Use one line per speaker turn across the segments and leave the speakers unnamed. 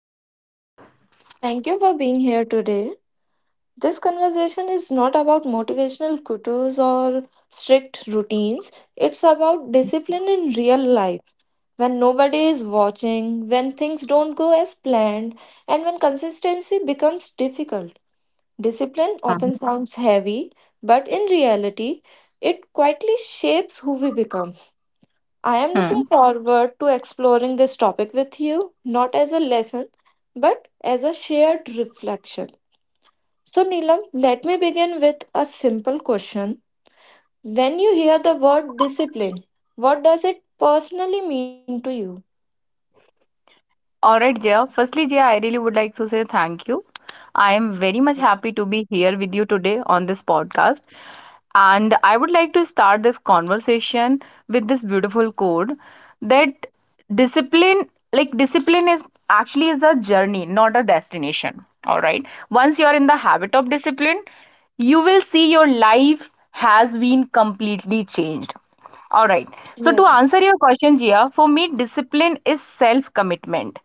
Hi, Jia.
Thank you for being here today. This conversation is not about motivational quotes or strict routines. It's about discipline in real life. When nobody is watching, when things don't go as planned, and when consistency becomes difficult. Discipline often sounds heavy, but in reality, it quietly shapes who we become. I am looking
Mhm.
forward to exploring this topic with you, not as a lesson, but as a shared reflection. So, Neelam, let me begin with a simple question. When you hear the word discipline, what does it personally mean to you?
All right, Jia. Firstly, Jia, I really would like to say thank you. I am very much happy to be here with you today on this podcast. And I would like to start this conversation with this beautiful code that discipline, like discipline is actually is a journey, not a destination. All right. Once you are in the habit of discipline, you will see your life has been completely changed. All right. So to
Yeah.
answer your question, Jia, for me, discipline is self-commitment.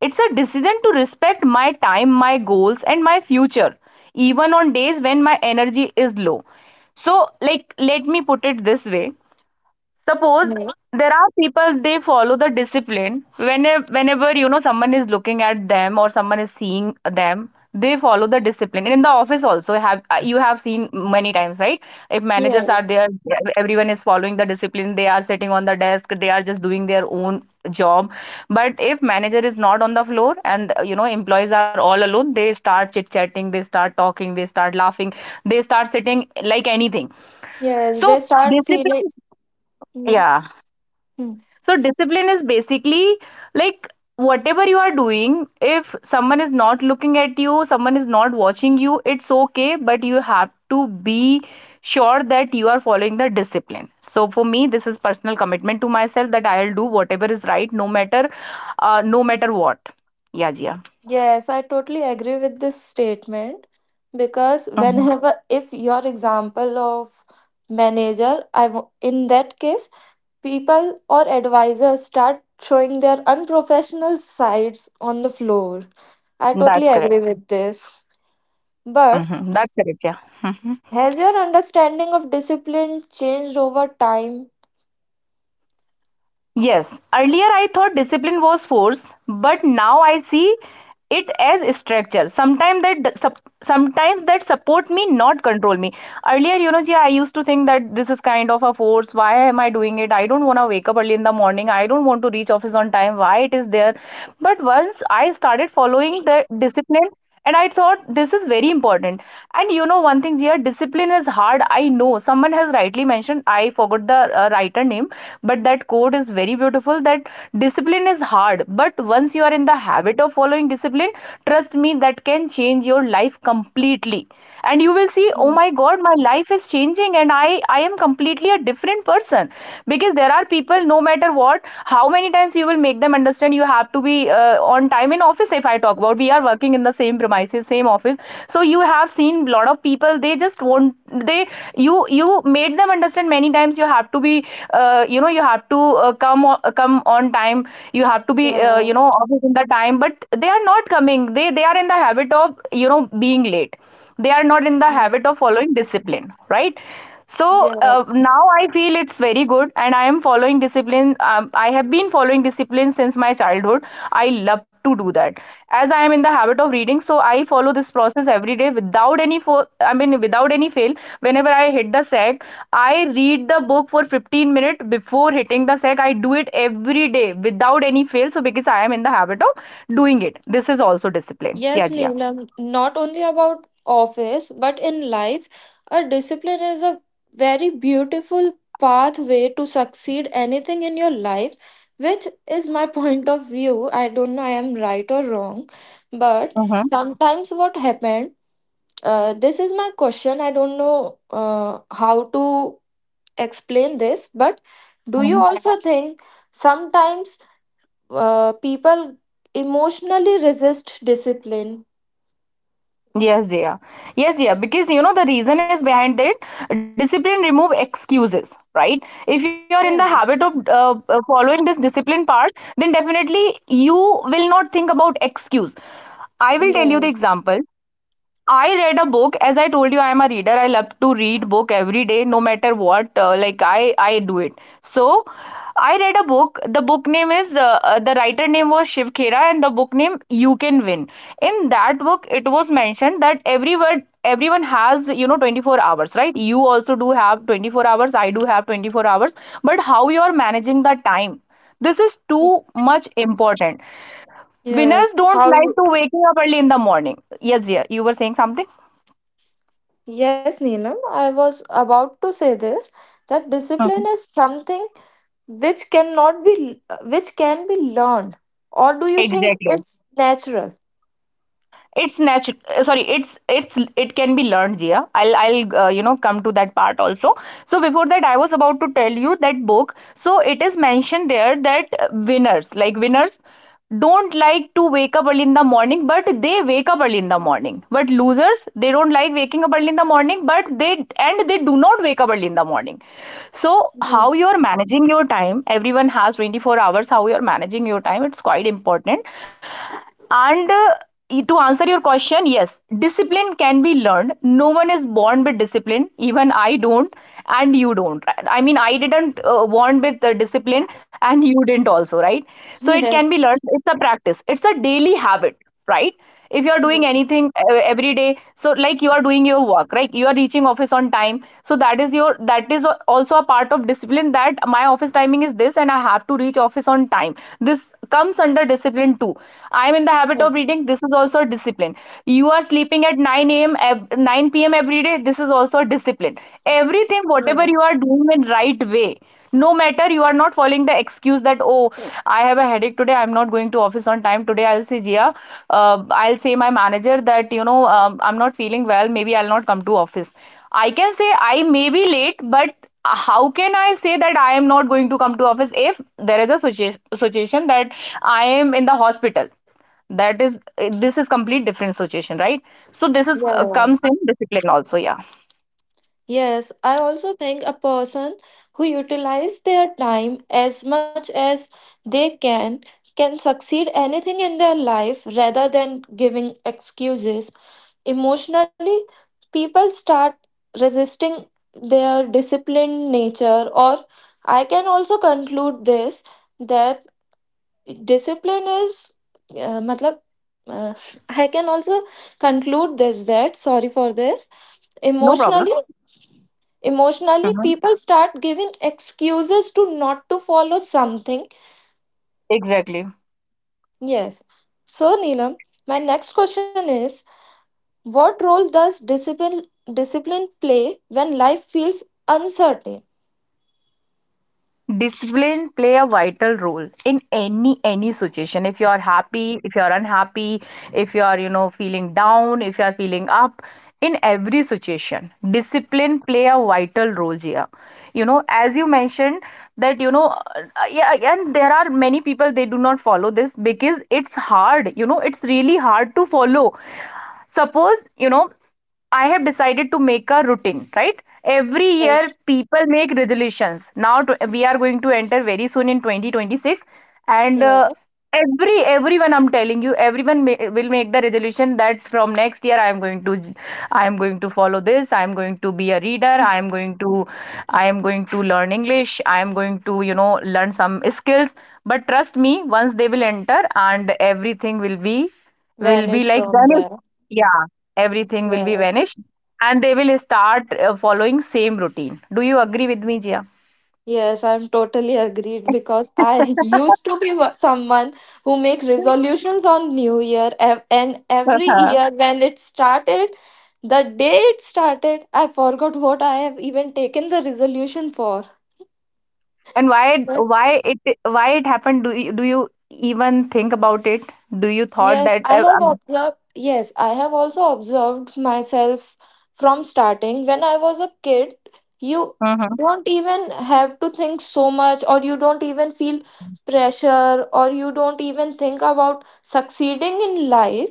It's a decision to respect my time, my goals, and my future, even on days when my energy is low. So, like, let me put it this way. Suppose
Yeah.
there are people, they follow the discipline whenever you know someone is looking at them or someone is seeing them, they follow the discipline. And in the office also have, you have seen many times, right? If managers are
Yes.
there, everyone is following the discipline, they are sitting on the desk, they are just doing their own job. But if manager is not on the floor and you know, employees are all alone, they start chit chatting, they start talking, they start laughing, they start sitting like anything.
Yes. They
So
start feeling.
discipline,
Yes.
yeah.
Hmm.
So discipline is basically, like, whatever you are doing, if someone is not looking at you, someone is not watching you, it's okay, but you have to be sure that you are following the discipline. So for me, this is personal commitment to myself that I'll do whatever is right, no matter, no matter what. Yeah, yeah.
Yes, I totally agree with this statement because
Mhm.
whenever, if your example of manager, in that case, people or advisors start showing their unprofessional sides on the floor. I totally
That's correct.
agree with this. But
Mhm. That's correct. Yeah. Mhm.
has your understanding of discipline changed over time?
Yes, earlier I thought discipline was force, but now I see it as structure. Sometimes that support me, not control me. Earlier, you know, Jia, I used to think that this is kind of a force. Why am I doing it? I don't want to wake up early in the morning. I don't want to reach office on time. Why it is there? But once I started following the discipline, and I thought this is very important. And you know one thing here, discipline is hard. I know someone has rightly mentioned. I forgot the writer name, but that quote is very beautiful. That discipline is hard, but once you are in the habit of following discipline, trust me, that can change your life completely and you will see, oh
Mm.
my god, my life is changing and I am completely a different person. Because there are people, no matter what, how many times you will make them understand, you have to be on time in office. If I talk about, we are working in the same premises, same office, so you have seen a lot of people, they just won't, they you made them understand many times, you have to be, you know, you have to, come on, come on time, you have to be, you
Yes.
know, office in the time, but they are not coming, they are in the habit of, you know, being late. They are not in the
Mm.
habit of following discipline, right? So,
Yes.
now I feel it's very good and I am following discipline. I have been following discipline since my childhood. I love to do that. As I am in the habit of reading, so I follow this process every day without any I mean without any fail. Whenever I hit the sack, I read the book for 15 minutes before hitting the sack. I do it every day without any fail, so because I am in the habit of doing it, this is also discipline, yeah,
Yes,
Jia.
Neelam, not only about office, but in life, a discipline is a very beautiful pathway to succeed anything in your life, which is my point of view. I don't know I am right or wrong, but
Yeah.
sometimes what happened, this is my question. I don't know how to explain this, but do you also think sometimes people emotionally resist discipline?
Yes, dear. Yes, dear. Because you know the reason is behind it. Discipline remove excuses, right? If you are in the habit of,
Yes.
following this discipline part, then definitely you will not think about excuse. I will tell you the
No.
example. I read a book. As I told you, I am a reader. I love to read book every day, no matter what. Like I do it. So I read a book. The book name is, the writer name was Shiv Khera, and the book name You Can Win. In that book, it was mentioned that everyone has, you know, 24 hours, right? You also do have 24 hours, I do have 24 hours, but how you are managing the time, this is too much important. Winners
Yes.
don't
How
like
you,
to waking up early in the morning, yes, yeah, you were saying something.
yes, Neelam, I was about to say this that discipline
Mhm.
is something which cannot be which can be learned. Or do you think
Exactly.
it's natural?
It's natural. Sorry, it's it can be learned, Jia. I'll you know, come to that part also. So before that, I was about to tell you that book. So it is mentioned there that, winners, like winners, don't like to wake up early in the morning, but they wake up early in the morning. But losers, they don't like waking up early in the morning, but they and they do not wake up early in the morning. So how you
Yes.
are managing your time? Everyone has 24 hours. How you are managing your time? It's quite important. And, to answer your question, yes, discipline can be learned. No one is born with discipline. Even I don't, and you don't. I mean, I didn't born with discipline, and you didn't also, right? So it can be
Yes.
learned. It's a practice. It's a daily habit, right? If you are doing
Yes.
anything every day, so like you are doing your work, right? You are reaching office on time, so that is your, that is also a part of discipline, that my office timing is this and I have to reach office on time. This comes under discipline too. I am in the habit of
Yes.
reading, this is also a discipline. You are sleeping at 9 p.m every day, this is also a discipline. Everything
Yes.
whatever you are doing it right way, no matter, you are not following the excuse that, oh, I have a headache today, I'm not going to office on time today, I'll say Jia, I'll say my manager that, you know, I'm not feeling well, maybe I'll not come to office. I can say I may be late, but how can I say that I am not going to come to office? If there is a situation that I am in the hospital, that is, this is complete different situation, right? So this is, comes
Yes.
in discipline also, yeah.
Yes, I also think a person who utilises their time as much as they can succeed anything in their life rather than giving excuses. Emotionally, people start resisting their disciplined nature, or I can also conclude this that discipline is, uh, matlab, uh, I can also conclude this that, sorry for this,
No problem.
emotionally emotionally
Mhm.
people start giving excuses to not to follow something.
Exactly.
Yes. So, Neelam, my next question is, what role does discipline play when life feels uncertain?
Discipline play a vital role in any situation. If you are happy, if you are unhappy, if you are, you know, feeling down, if you are feeling up, in every situation discipline play a vital role here. You know, as you mentioned that, you know, yeah, and there are many people they do not follow this because it's hard, you know, it's really hard to follow. Suppose you know, I have decided to make a routine, right? Every year
Yes.
people make resolutions. Now to, we are going to enter very soon in 2026,
you
and,
know,
every everyone I'm telling you, will make the resolution that from next year I am going to, I am going to follow this, I am going to be a reader, I am going to, I am going to learn english, I am going to, you know, learn some skills. But trust me, once they will enter, and everything will be, will be
Vanish
like
from
vanished.
there.
Yeah, everything will be
Yes.
vanished and they will start, following same routine. Do you agree with me, Jia?
Yes, I'm totally agreed because I used to be someone who make resolutions on new year and every year when it started. The day it started, I forgot what I have even taken the resolution for.
And why
But
why it, why it happened? Do you even think about it? Do you thought
yes,
that,
I have observed. Yes, I have also observed myself from starting. When I was a kid, you
um, mhm,
don't even have to think so much, or you don't even feel pressure, or you don't even think about succeeding in life.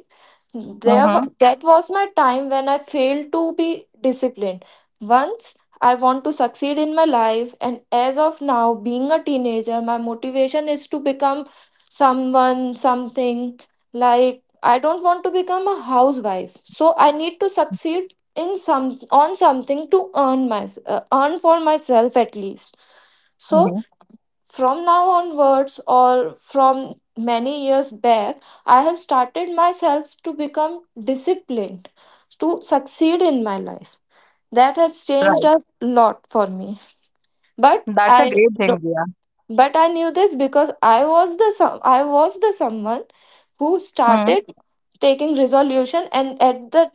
mhm.
That was my time when I failed to be disciplined. Once I want to succeed in my life, and as of now, being a teenager, my motivation is to become someone, something like I don't want to become a housewife. So I need to succeed in something to earn my earn for myself at least. So
Mhm.
from now onwards, or from many years back, I have started myself to become disciplined to succeed in my life. That has changed
Right.
a lot for me. But
That's a
I
great thing,
no,
Jia.
but I knew this because I was the someone who
Mm.
started taking resolution and at the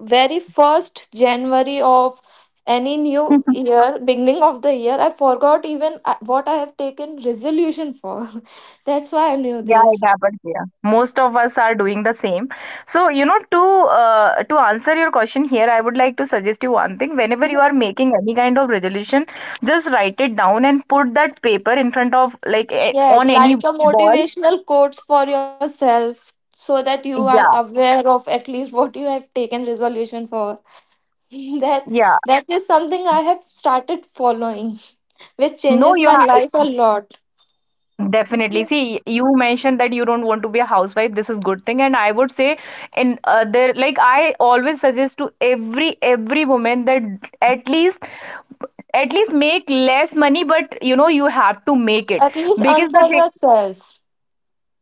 very first January of any new year, beginning of the year, I forgot even what I have taken resolution for. That's why I knew
Yeah,
this.
it happens here. Most of us are doing the same. So you know, to, to answer your question here, I would like to suggest you one thing. Whenever you are making any kind of resolution, just write it down and put that paper in front of, like, eh,
Yes,
on any.
like a
Ball?
motivational quotes for yourself so that you are
Yeah.
aware of at least what you have taken resolution for. that
Yeah.
that is something I have started following, which
No,
changes
you
my life a
have.
lot.
Definitely. See, you mentioned that you don't want to be a housewife. This is good thing, and I would say, in, there, like I always suggest to every woman that at least, at least make less money, but you know you have to make it,
At least
because
earn
the
for
thing,
yourself.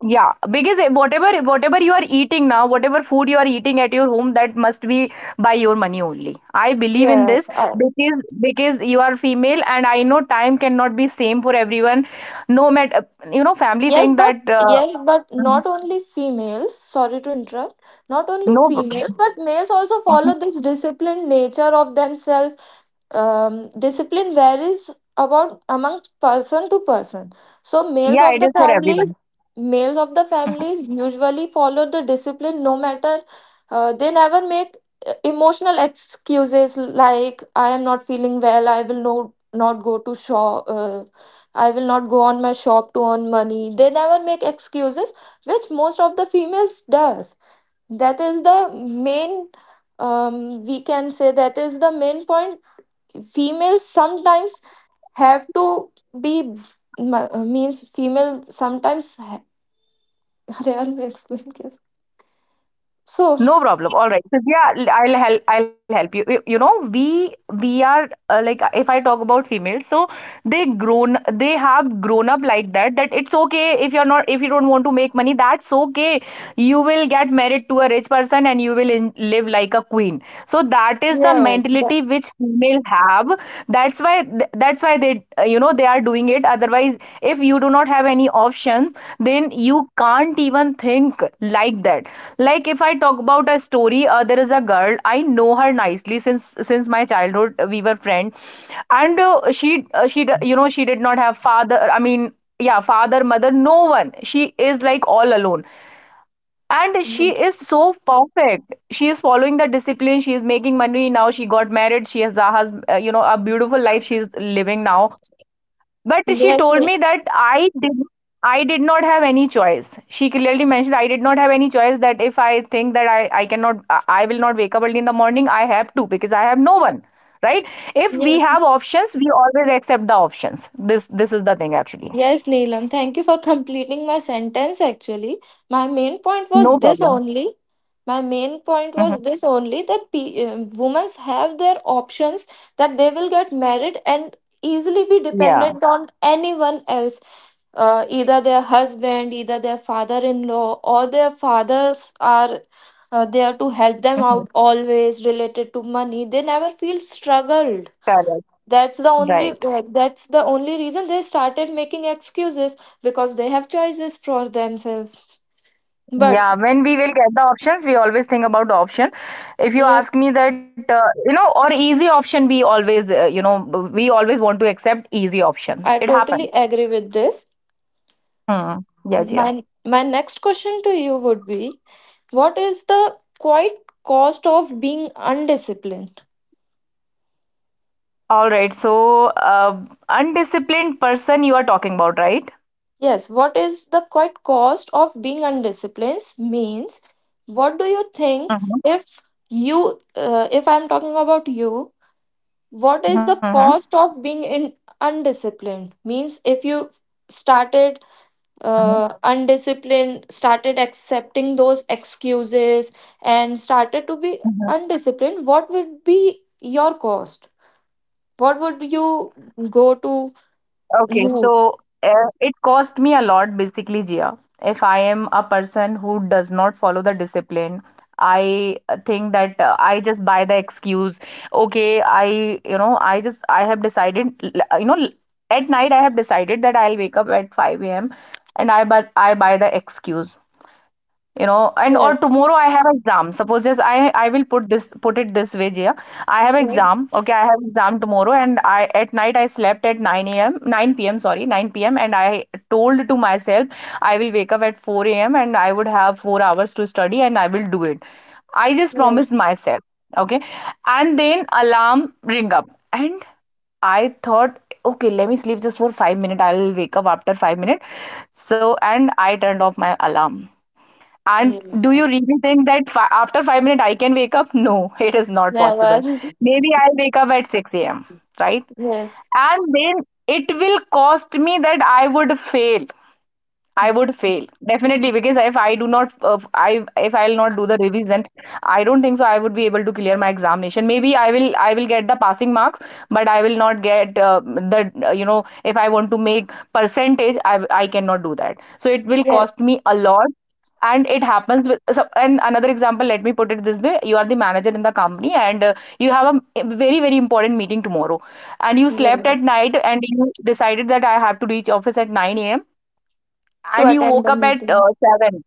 yeah, because whatever, whatever you are eating now, whatever food you are eating at your home, that must be by your money only, I believe in
Yes,
this.
I.
Because you are female and I know time cannot be same for everyone, no matter, you know, family
Yes,
think
but
that,
yes, but not only females, sorry to interrupt, not only
no.
females, but males also
Uh-huh.
follow this disciplined nature of themselves. Discipline varies about among person to person. So males
Yeah,
of
it
the
is for
families,
everyone.
males of the families usually follow the discipline no matter they never make emotional excuses like I am not feeling well, uh, I will not go on my shop to earn money. They never make excuses, which most of the females does. That is the main. We can say that is the main point. Females sometimes have to be means female sometimes. अरे यार, मैं So
No problem. All right. So yeah, I'll help. I'll help you. We are like if I talk about females, so they have grown up like that. That it's okay if you're not if you don't want to make money. That's okay. You will get married to a rich person and you will live like a queen. So that is the
yes,
mentality which female have. That's why that's why they, they are doing it. Otherwise, if you do not have any options, then you can't even think like that. Like, if I talk about a story, there is a girl. I know her nicely since my childhood. We were friends. And she, she did not have father. I mean, yeah, father, mother, no one. She is like all alone. And she
that-
is so perfect. She is following the discipline. She is making money. Now she got married. She has a husband, a beautiful life. She is living now. But she
yes,
told me that I did not have any choice. She clearly mentioned, I did not have any choice, that if I think that I cannot, I will not wake up early in the morning, I have to, because I have no one. Right? If we
yes.
have options, we always accept the options. This is the thing actually.
Yes, Neelam, thank you for completing my sentence actually. My main point
No
was this
problem.
only. My main point
Hmm.
was this only that women have their options that they will get married and easily be
Yeah.
dependent on anyone else, either their husband, either their father in law, or their fathers are there to help them out
Hmm.
always related to money. They never feel struggled.
Correct.
That's the only
Right.
like that's the only reason they started making excuses because they have choices for themselves. But
Yeah, when we will get the options, we always think about the option. If you
yes,
ask me that, or easy option, we always, want to accept
yes,
easy
Neelam,
option.
I
It happened.
totally agree with this.
Hmm. Yes, yeah.
My next question to you would be, what is the quite cost of being undisciplined?
All right. So, undisciplined person you are talking about, right?
Yes, what is the quite cost of being undisciplined means what do you think
Mm-hmm.
if you if I'm talking about you, what is the cost of being in undisciplined means, if you started
Mm-hmm.
undisciplined started accepting those excuses and started to be undisciplined, what would be your cost, what would you go to
Okay,
lose?
so it cost me a lot basically, Jia. If I am a person who does not follow the discipline, I think that I just buy the excuse. Okay, I have decided, at night I have decided that I'll wake up at 5 a.m. and I I buy the excuse. And or
Yes.
tomorrow I have exam. Suppose, just I will put it this way, Jia. I have
Right.
exam. Okay, I have exam tomorrow. And I at night I slept at 9 a.m, 9 p.m, sorry, 9 p.m. And I told to myself, I will wake up at 4 a.m, and I would have 4 hours to study and I will do it. I just
Yes.
promised myself. Okay. And then alarm ring up. And I thought, okay, let me sleep just for 5 minutes, I'll wake up after 5 minutes. So, and I turned off my alarm. And do you
Yes.
really think that after 5 minutes I can wake up? No, it is not
Never.
possible. Maybe I'll wake up at 6 a.m., right?
Yes.
And then it will cost me that I would fail. I would fail definitely, because if I do not, I if I'll not do the revision, I don't think so I would be able to clear my examination. Maybe I will get the passing marks, but I will not get, the you know if I want to make percentage, I cannot do that. So it will
Yeah.
cost me a lot. And it happens with. So, and another example, let me put it this way. You are the manager in the company, and you have a very, very important meeting tomorrow. And you slept
Yeah,
at night, and you decided that I have to reach office at 9 a.m,
to
and you
attend
woke
the
up at
meeting.
7.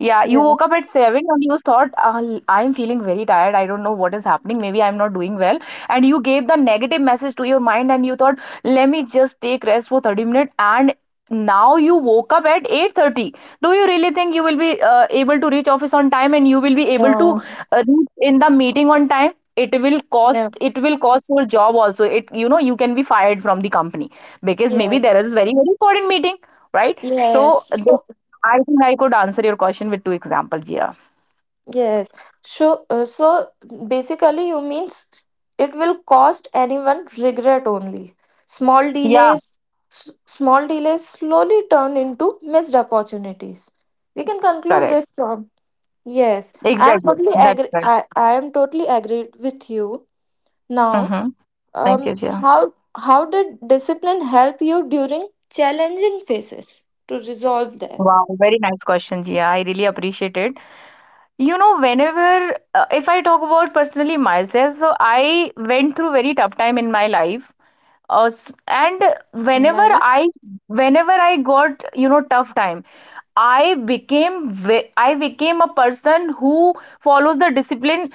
Yeah, you
Yeah.
woke up at 7, and you thought, "Ah, I'm feeling very tired. I don't know what is happening. Maybe I'm not doing well." And you gave the negative message to your mind, and you thought, let me just take rest for 30 minutes. And now you woke up at 8:30. Do you really think you will be able to reach office on time and you will be able to
Uh,
reach in the meeting on time?
yeah.
It will cost your job also. It, you can be fired from the company, because
Yeah.
maybe there is very, very important meeting, right? So
Yes.
this I think I could answer your question with two examples, Jia.
Yes. So, basically, you means it will cost anyone regret only. Small
Yeah,
delays, small delays slowly turn into missed opportunities. We can conclude
correct.
this from yes. I am
Exactly.
totally
That's
agree.
right.
I am totally agreed with you. Now,
Mm-hmm. Thank
um,
you, Jia.
how did discipline help you during challenging phases to resolve that?
Wow, very nice question, Jia. I really appreciate it. You know, whenever, if I talk about personally myself, so I went through very tough time in my life. And
Like.
whenever I, whenever I got, tough time, I became, I became a person who follows the discipline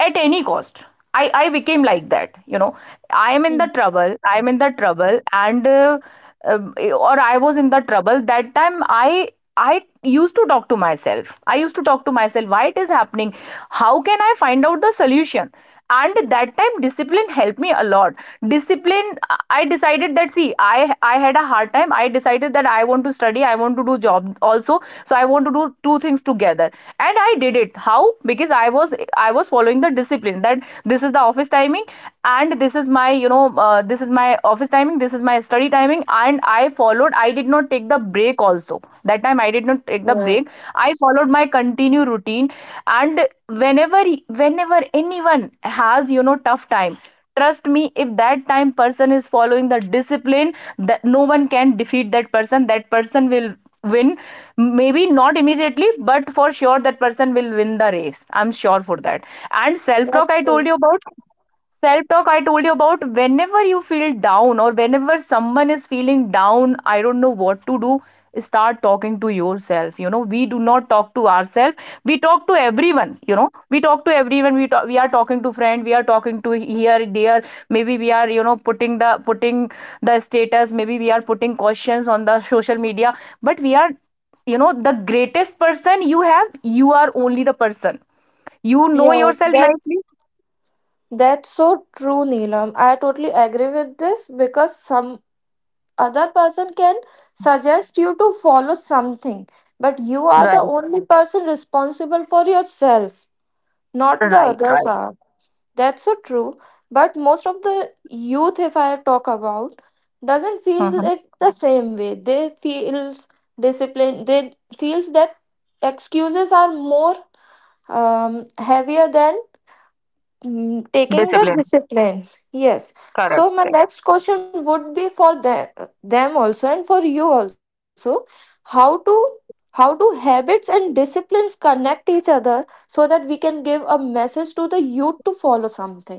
at any cost. I became like that. I am in
Hmm.
the trouble. I am in the trouble, and uh, or I was in the trouble that time. I used to talk to myself. I used to talk to myself. Why it is happening? How can I find out the solution? And that time, discipline helped me a lot. Discipline. I decided that, see, I had a hard time. I decided that I want to study. I want to do job also. So I want to do two things together, and I did it. How? Because I was following the discipline that this is the office timing, and this is my office timing, this is my study timing. And I followed. I did not take the break. Also, that time I did not take the
Yeah,
break. I followed my continue routine. And whenever whenever anyone has, tough time, trust me, if that time person is following the discipline, that no one can defeat that person. That person will win. Maybe not immediately, but for sure that person will win the race. I'm sure for that. And
that's so.
self talk, I told you about whenever you feel down, or whenever someone is feeling down, I don't know what to do, start talking to yourself. You know, we do not talk to ourselves, we talk to everyone. You know, we talk to everyone. We are talking to friend, we are talking to here, there. Maybe we are, putting the status. Maybe we are putting questions on the social media, but we are, you know, the greatest person you have. You are only the person. You know
Yes,
yourself
that
nicely.
That's so true, Neelam. I totally agree with this because some other person can suggest you to follow something, but you are the
Right.
only person responsible for yourself, not the
Right.
others
Right.
are. That's so true. But most of the youth, if I talk about, doesn't feel
Mhm.
it the same way. They feels discipline. They feels that excuses are more heavier than taking the
Discipline.
discipline. Yes.
Correct.
So my
Correct.
next question would be for them also and for you also, how to how do habits and disciplines connect each other so that we can give a message to the youth to follow something?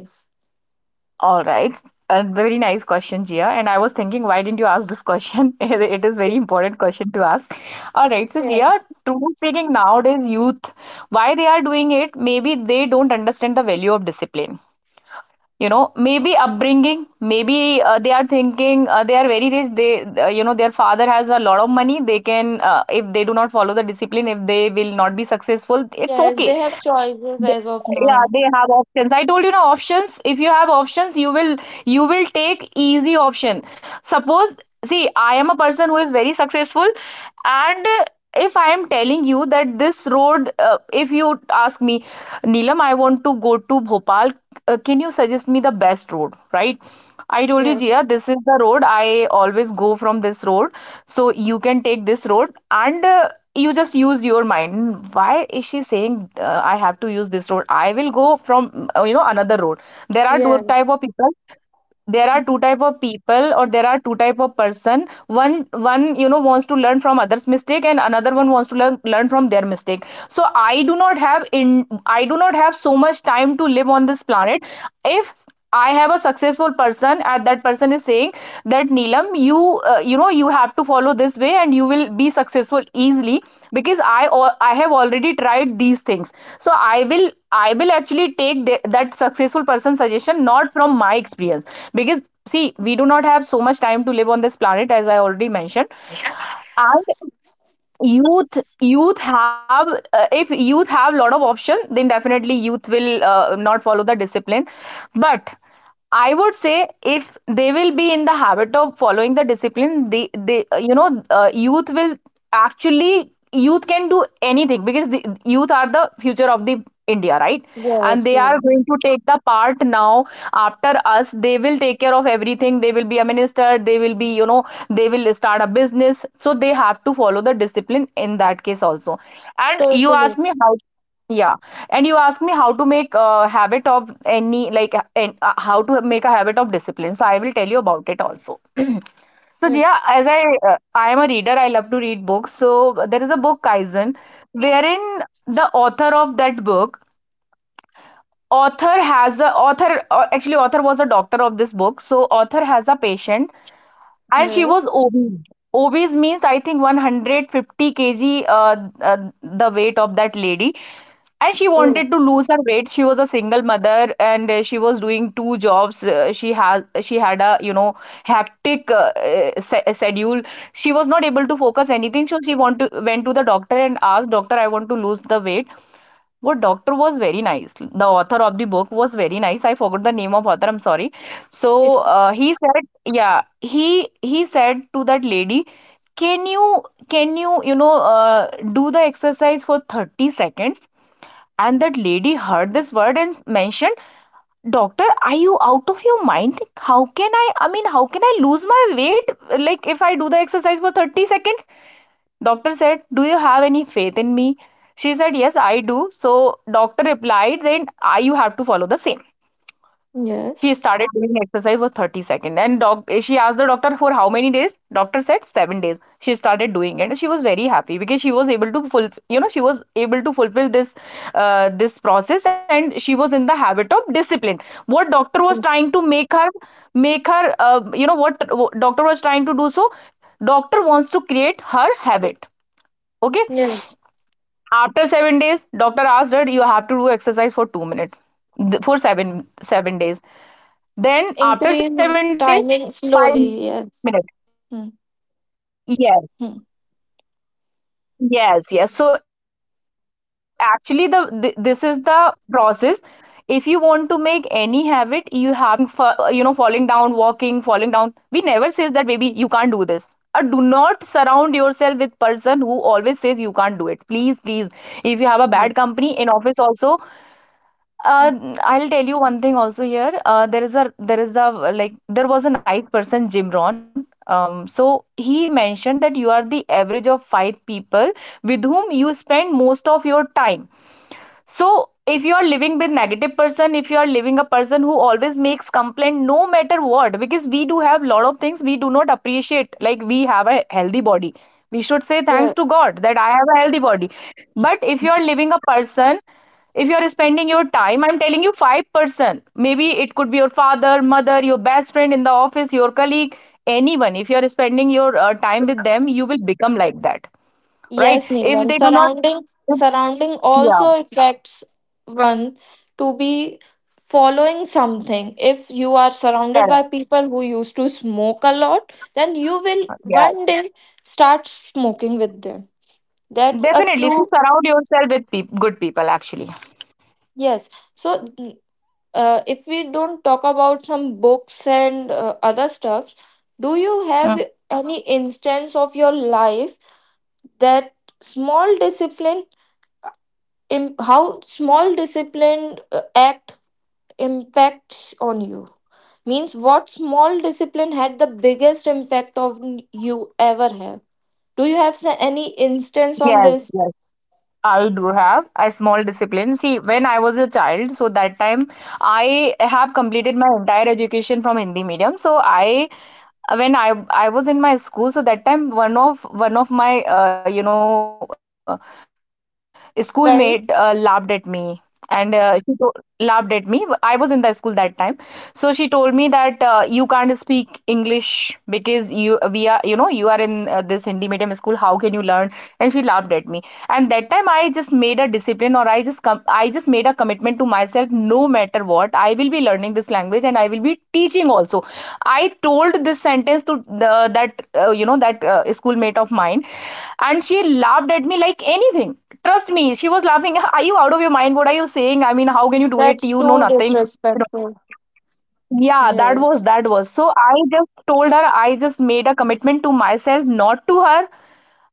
All right. A very nice question, Jia. And I was thinking, why didn't you ask this question? It is very important question to ask. All right. So,
Yes.
Jia, truly speaking, nowadays youth, why they are doing it, maybe they don't understand the value of discipline. You know, maybe upbringing, maybe they are thinking, they are very rich. Their father has a lot of money. If they do not follow the discipline, if they will not be successful, it's
Yes,
okay.
they have choices
They-
as of
yeah,
now.
they have options, I told you. Now, options, if you have options, you will, take easy option. Suppose, see, I am a person who is very successful, and if I am telling you that this road, if you ask me, Neelam, I want to go to Bhopal, can you suggest me the best road, right? I told you,
Yes.
Jia, this is the road. I always go from this road. So you can take this road. And you just use your mind. Why is she saying, I have to use this road? I will go from, another road. There are two
Yeah.
type of people. Or there are two type of person. One wants to learn from others mistake, and another one wants to learn from their mistake. So I do not have so much time to live on this planet. If I have a successful person, and that person is saying that, Neelam, you, you know you have to follow this way, and you will be successful easily because I have already tried these things. So I will actually take that successful person suggestion, not from my experience, because, see, we do not have so much time to live on this planet, as I already mentioned. And youth have if youth have lot of option, then definitely youth will not follow the discipline, but I would say if they will be in the habit of following the discipline, they you know youth will actually youth can do anything because the youth are the future of the India, right? And
Yes.
they are
Yes.
going to take the part now. After us, they will take care of everything. They will be a minister, they will be, you know, they will start a business. So they have to follow the discipline in that case also. And you ask
Totally.
me how. Yeah. And you ask me how to make a habit of any, like, how to make a habit of discipline. So I will tell you about it also. So
Yes.
yeah, as I, I am a reader, I love to read books. So there is a book, Kaizen, wherein the author of that book, author has a author actually, author was a doctor of this book. So author has a patient, and she
Yes.
was obese. Obese means, I think, 150 kg, uh, the weight of that lady. And she
Oh,
wanted to lose her weight. She was a single mother, and she was doing two jobs. She had a hectic, schedule. She was not able to focus anything. So went to the doctor and asked doctor, I want to lose the weight. What doctor was very nice. The author of the book was very nice. I forgot the name of author. I'm sorry. So
it's.
he said, yeah, he said to that lady, can you can you you know do the exercise for 30 seconds? And that lady heard this word and mentioned, Doctor, are you out of your mind? How can I? I mean, how can I lose my weight? Like if I do the exercise for 30 seconds? Doctor said, "Do you have any faith in me?" She said, "Yes, I do." So doctor replied, "Then I, you have to follow the same."
Yes.
She started doing exercise for 30 seconds, and she asked the doctor, for how many days? Doctor said 7 days. She started doing it, and she was very happy because she was able to fulfill, you know, she was able to fulfill this process, and she was in the habit of discipline. What doctor was trying to make her, make her uh, what doctor was trying to do, so doctor wants to create her habit. Okay?
Yes.
After 7 days, doctor asked her, you have to do exercise for 2 minutes for seven days. Then after
Increase
7 days, 5 minutes.
timing
Yes,
slowly. Yes.
yes, yes. So actually,
Mm-hmm.
this is the process. If you want to make any habit, you have to take up baby steps. Have you seen baby walking, for, you know, falling down, walking, falling down? We never says that baby, you can't do this. Or do not surround yourself with person who always says you can't do it. Please, please. If you have a bad company in office also, uh, I'll tell you one thing also here. There is a, like, there was a nice person, Jim ron so he mentioned that you are the average of five people with whom you spend most of your time. So if you are living with negative person, if you are living a person who always makes complaint no matter what, because we do have lot of things we do not appreciate, like, we have a healthy body. We should say
Yeah.
thanks to God that I have a healthy body. But if you are living a person, if you are spending your time, I'm telling you, five person, maybe it could be your father, mother, your best friend in the office, your colleague, anyone. If you are spending your time with them, you will become like that.
Yes,
Right. If
Neelam.
they do not,
Surrounding
yeah,
also affects one to be following something. If you are surrounded by
correct.
people who used to smoke a lot, then you will
Yeah.
one day start smoking with them. That's a
Definitely. So
true.
surround yourself with peop good people, actually.
Yes. So if we don't talk about some books and other stuff, do you
Mm.
have any instance of your life that small discipline how small disciplined act impacts on you, means what small discipline had the biggest impact of you ever have, do you have any instance on
Yes,
this?
yes. I do have a small discipline. See, when I was a child, so that time I have completed my entire education from Hindi medium. So I, when I was in my school, so that time, one of my schoolmate laughed at
Right.
me, and she told laughed at me. I was in the school that time, so she told me that you can't speak English because you we are, you know, you are in this Hindi medium school. How can you learn? And she laughed at me. And that time I just made a discipline, or I just made a commitment to myself. No matter what, I will be learning this language, and I will be teaching also. I told this sentence to the, that that schoolmate of mine, and she laughed at me like anything. Trust me, she was laughing. Are you out of your mind? What are you saying? I mean, how can
That's
you do it?
too
You know nothing. You
disrespectful.
know, yeah, that
Yes.
was that was so I just told her, I just made a commitment to myself, not to her.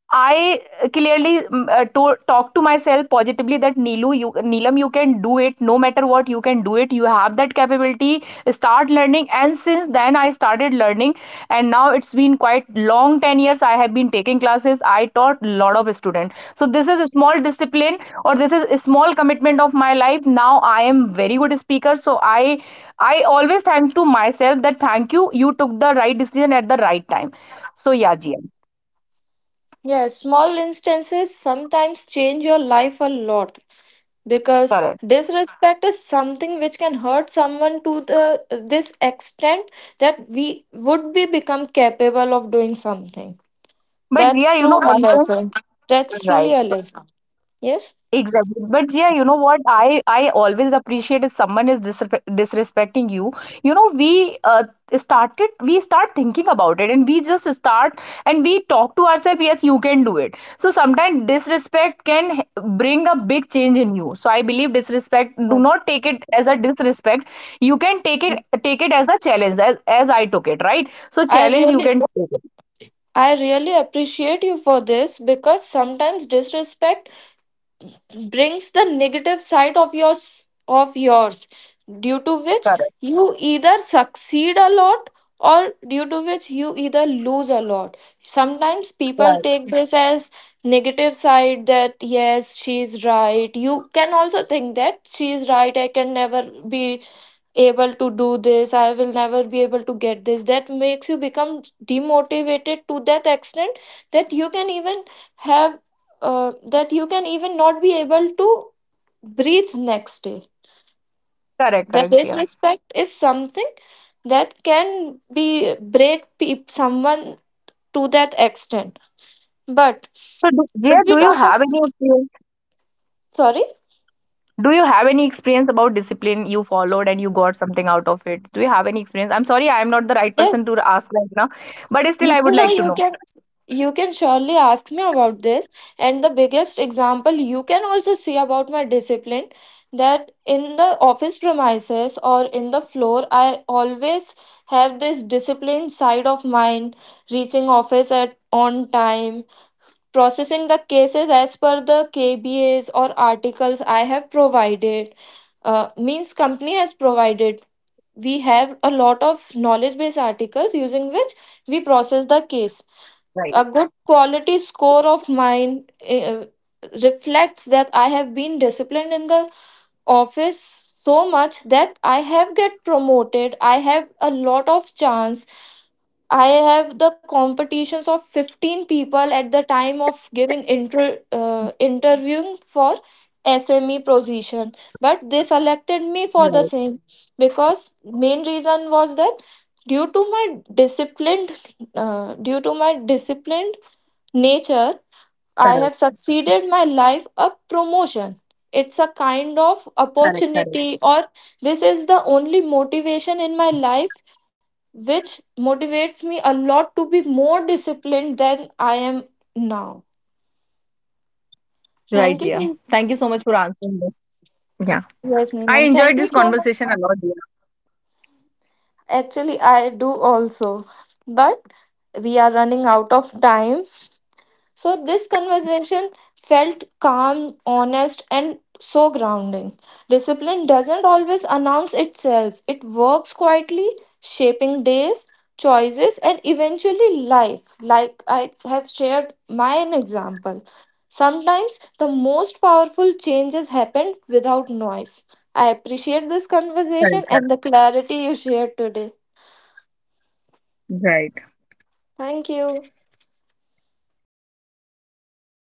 I clearly to talk to myself positively, that Neelu, you, Neelam, you can do it. No matter what, you can do it. You have that capability. Start learning. And since then, I started learning. And now it's been quite long, 10 years. I have been taking classes. I taught a lot of students. So this is a small discipline, or this is a small commitment of my life. Now I am very good speaker. So I always thank to myself that thank you, you took the right decision at the right time. So yeah, Jia,
Yes, small instances sometimes change your life a lot because
correct.
disrespect is something which can hurt someone to the this extent that we would be become capable of doing something.
But
That's
Zia, you
true
know,
a
one point,
lesson. That's truly
right?
a lesson. Yes?
Exactly. But Zia, you know what, I always appreciate if someone is disrespecting you. You know, we start thinking about it, and we just start and we talk to ourselves. Yes, you can do it. So sometimes disrespect can bring a big change in you. So I believe disrespect, do not take it as a disrespect. You can take
I
it, take it as a challenge, as I took it, right? So challenge, you
really
can take it.
I really appreciate you for this because sometimes disrespect brings the negative side of yours due to which
Correct.
you either succeed a lot or due to which you either lose a lot. Sometimes people
Right.
take this as negative side that yes, she's right, you can also think that she's right, I can never be able to do this, I will never be able to get this, that makes you become demotivated to that extent that you can even have that you can even not be able to breathe next day.
Correct.
That
Correct, Zia.
disrespect is something that can be break peop someone to that extent. But
So, Jia,
if we
do you
talk of,
have any experience?
sorry.
Do you have any experience about discipline you followed and you got something out of it? Do you have any experience? I'm sorry, I'm not the right person
Yes.
to ask right now, but still,
No,
I would
no,
like to
you
know.
can you can surely ask me about this. And the biggest example you can also see about my discipline, that in the office premises or in the floor, I always have this disciplined side of mind, reaching office at on time, processing the cases as per the KBAs or articles I have provided. Means company has provided. We have a lot of knowledge based articles using which we process the case.
Right,
A good quality score of mine reflects that I have been disciplined in the office so much that I have get promoted. I have a lot of chance. I have the competitions of 15 people at the time of giving interviewing for SME position, but they selected me for the
right,
same because main reason was that due to my disciplined due to my disciplined nature, I have succeeded my life a promotion. It's a kind of opportunity, or this is the only motivation in my life which motivates me a lot to be more disciplined than I am now.
right,
Thank you.
Jia.
Neelam.
Thank you so much for answering this. Yeah,
Yes,
I
Neelam. Thank
enjoyed
you
this
so much.
conversation a lot, Jia.
Actually, I do also. But we are running out of time. So this conversation felt calm, honest, and so grounding. Discipline doesn't always announce itself, it works quietly, shaping days, choices, and eventually life. Like I have shared my own example. Sometimes the most powerful changes happen without noise. I appreciate this conversation
Correct,
and the
correct.
clarity you shared today.
Right.
Thank you.
All right. Thank you so much,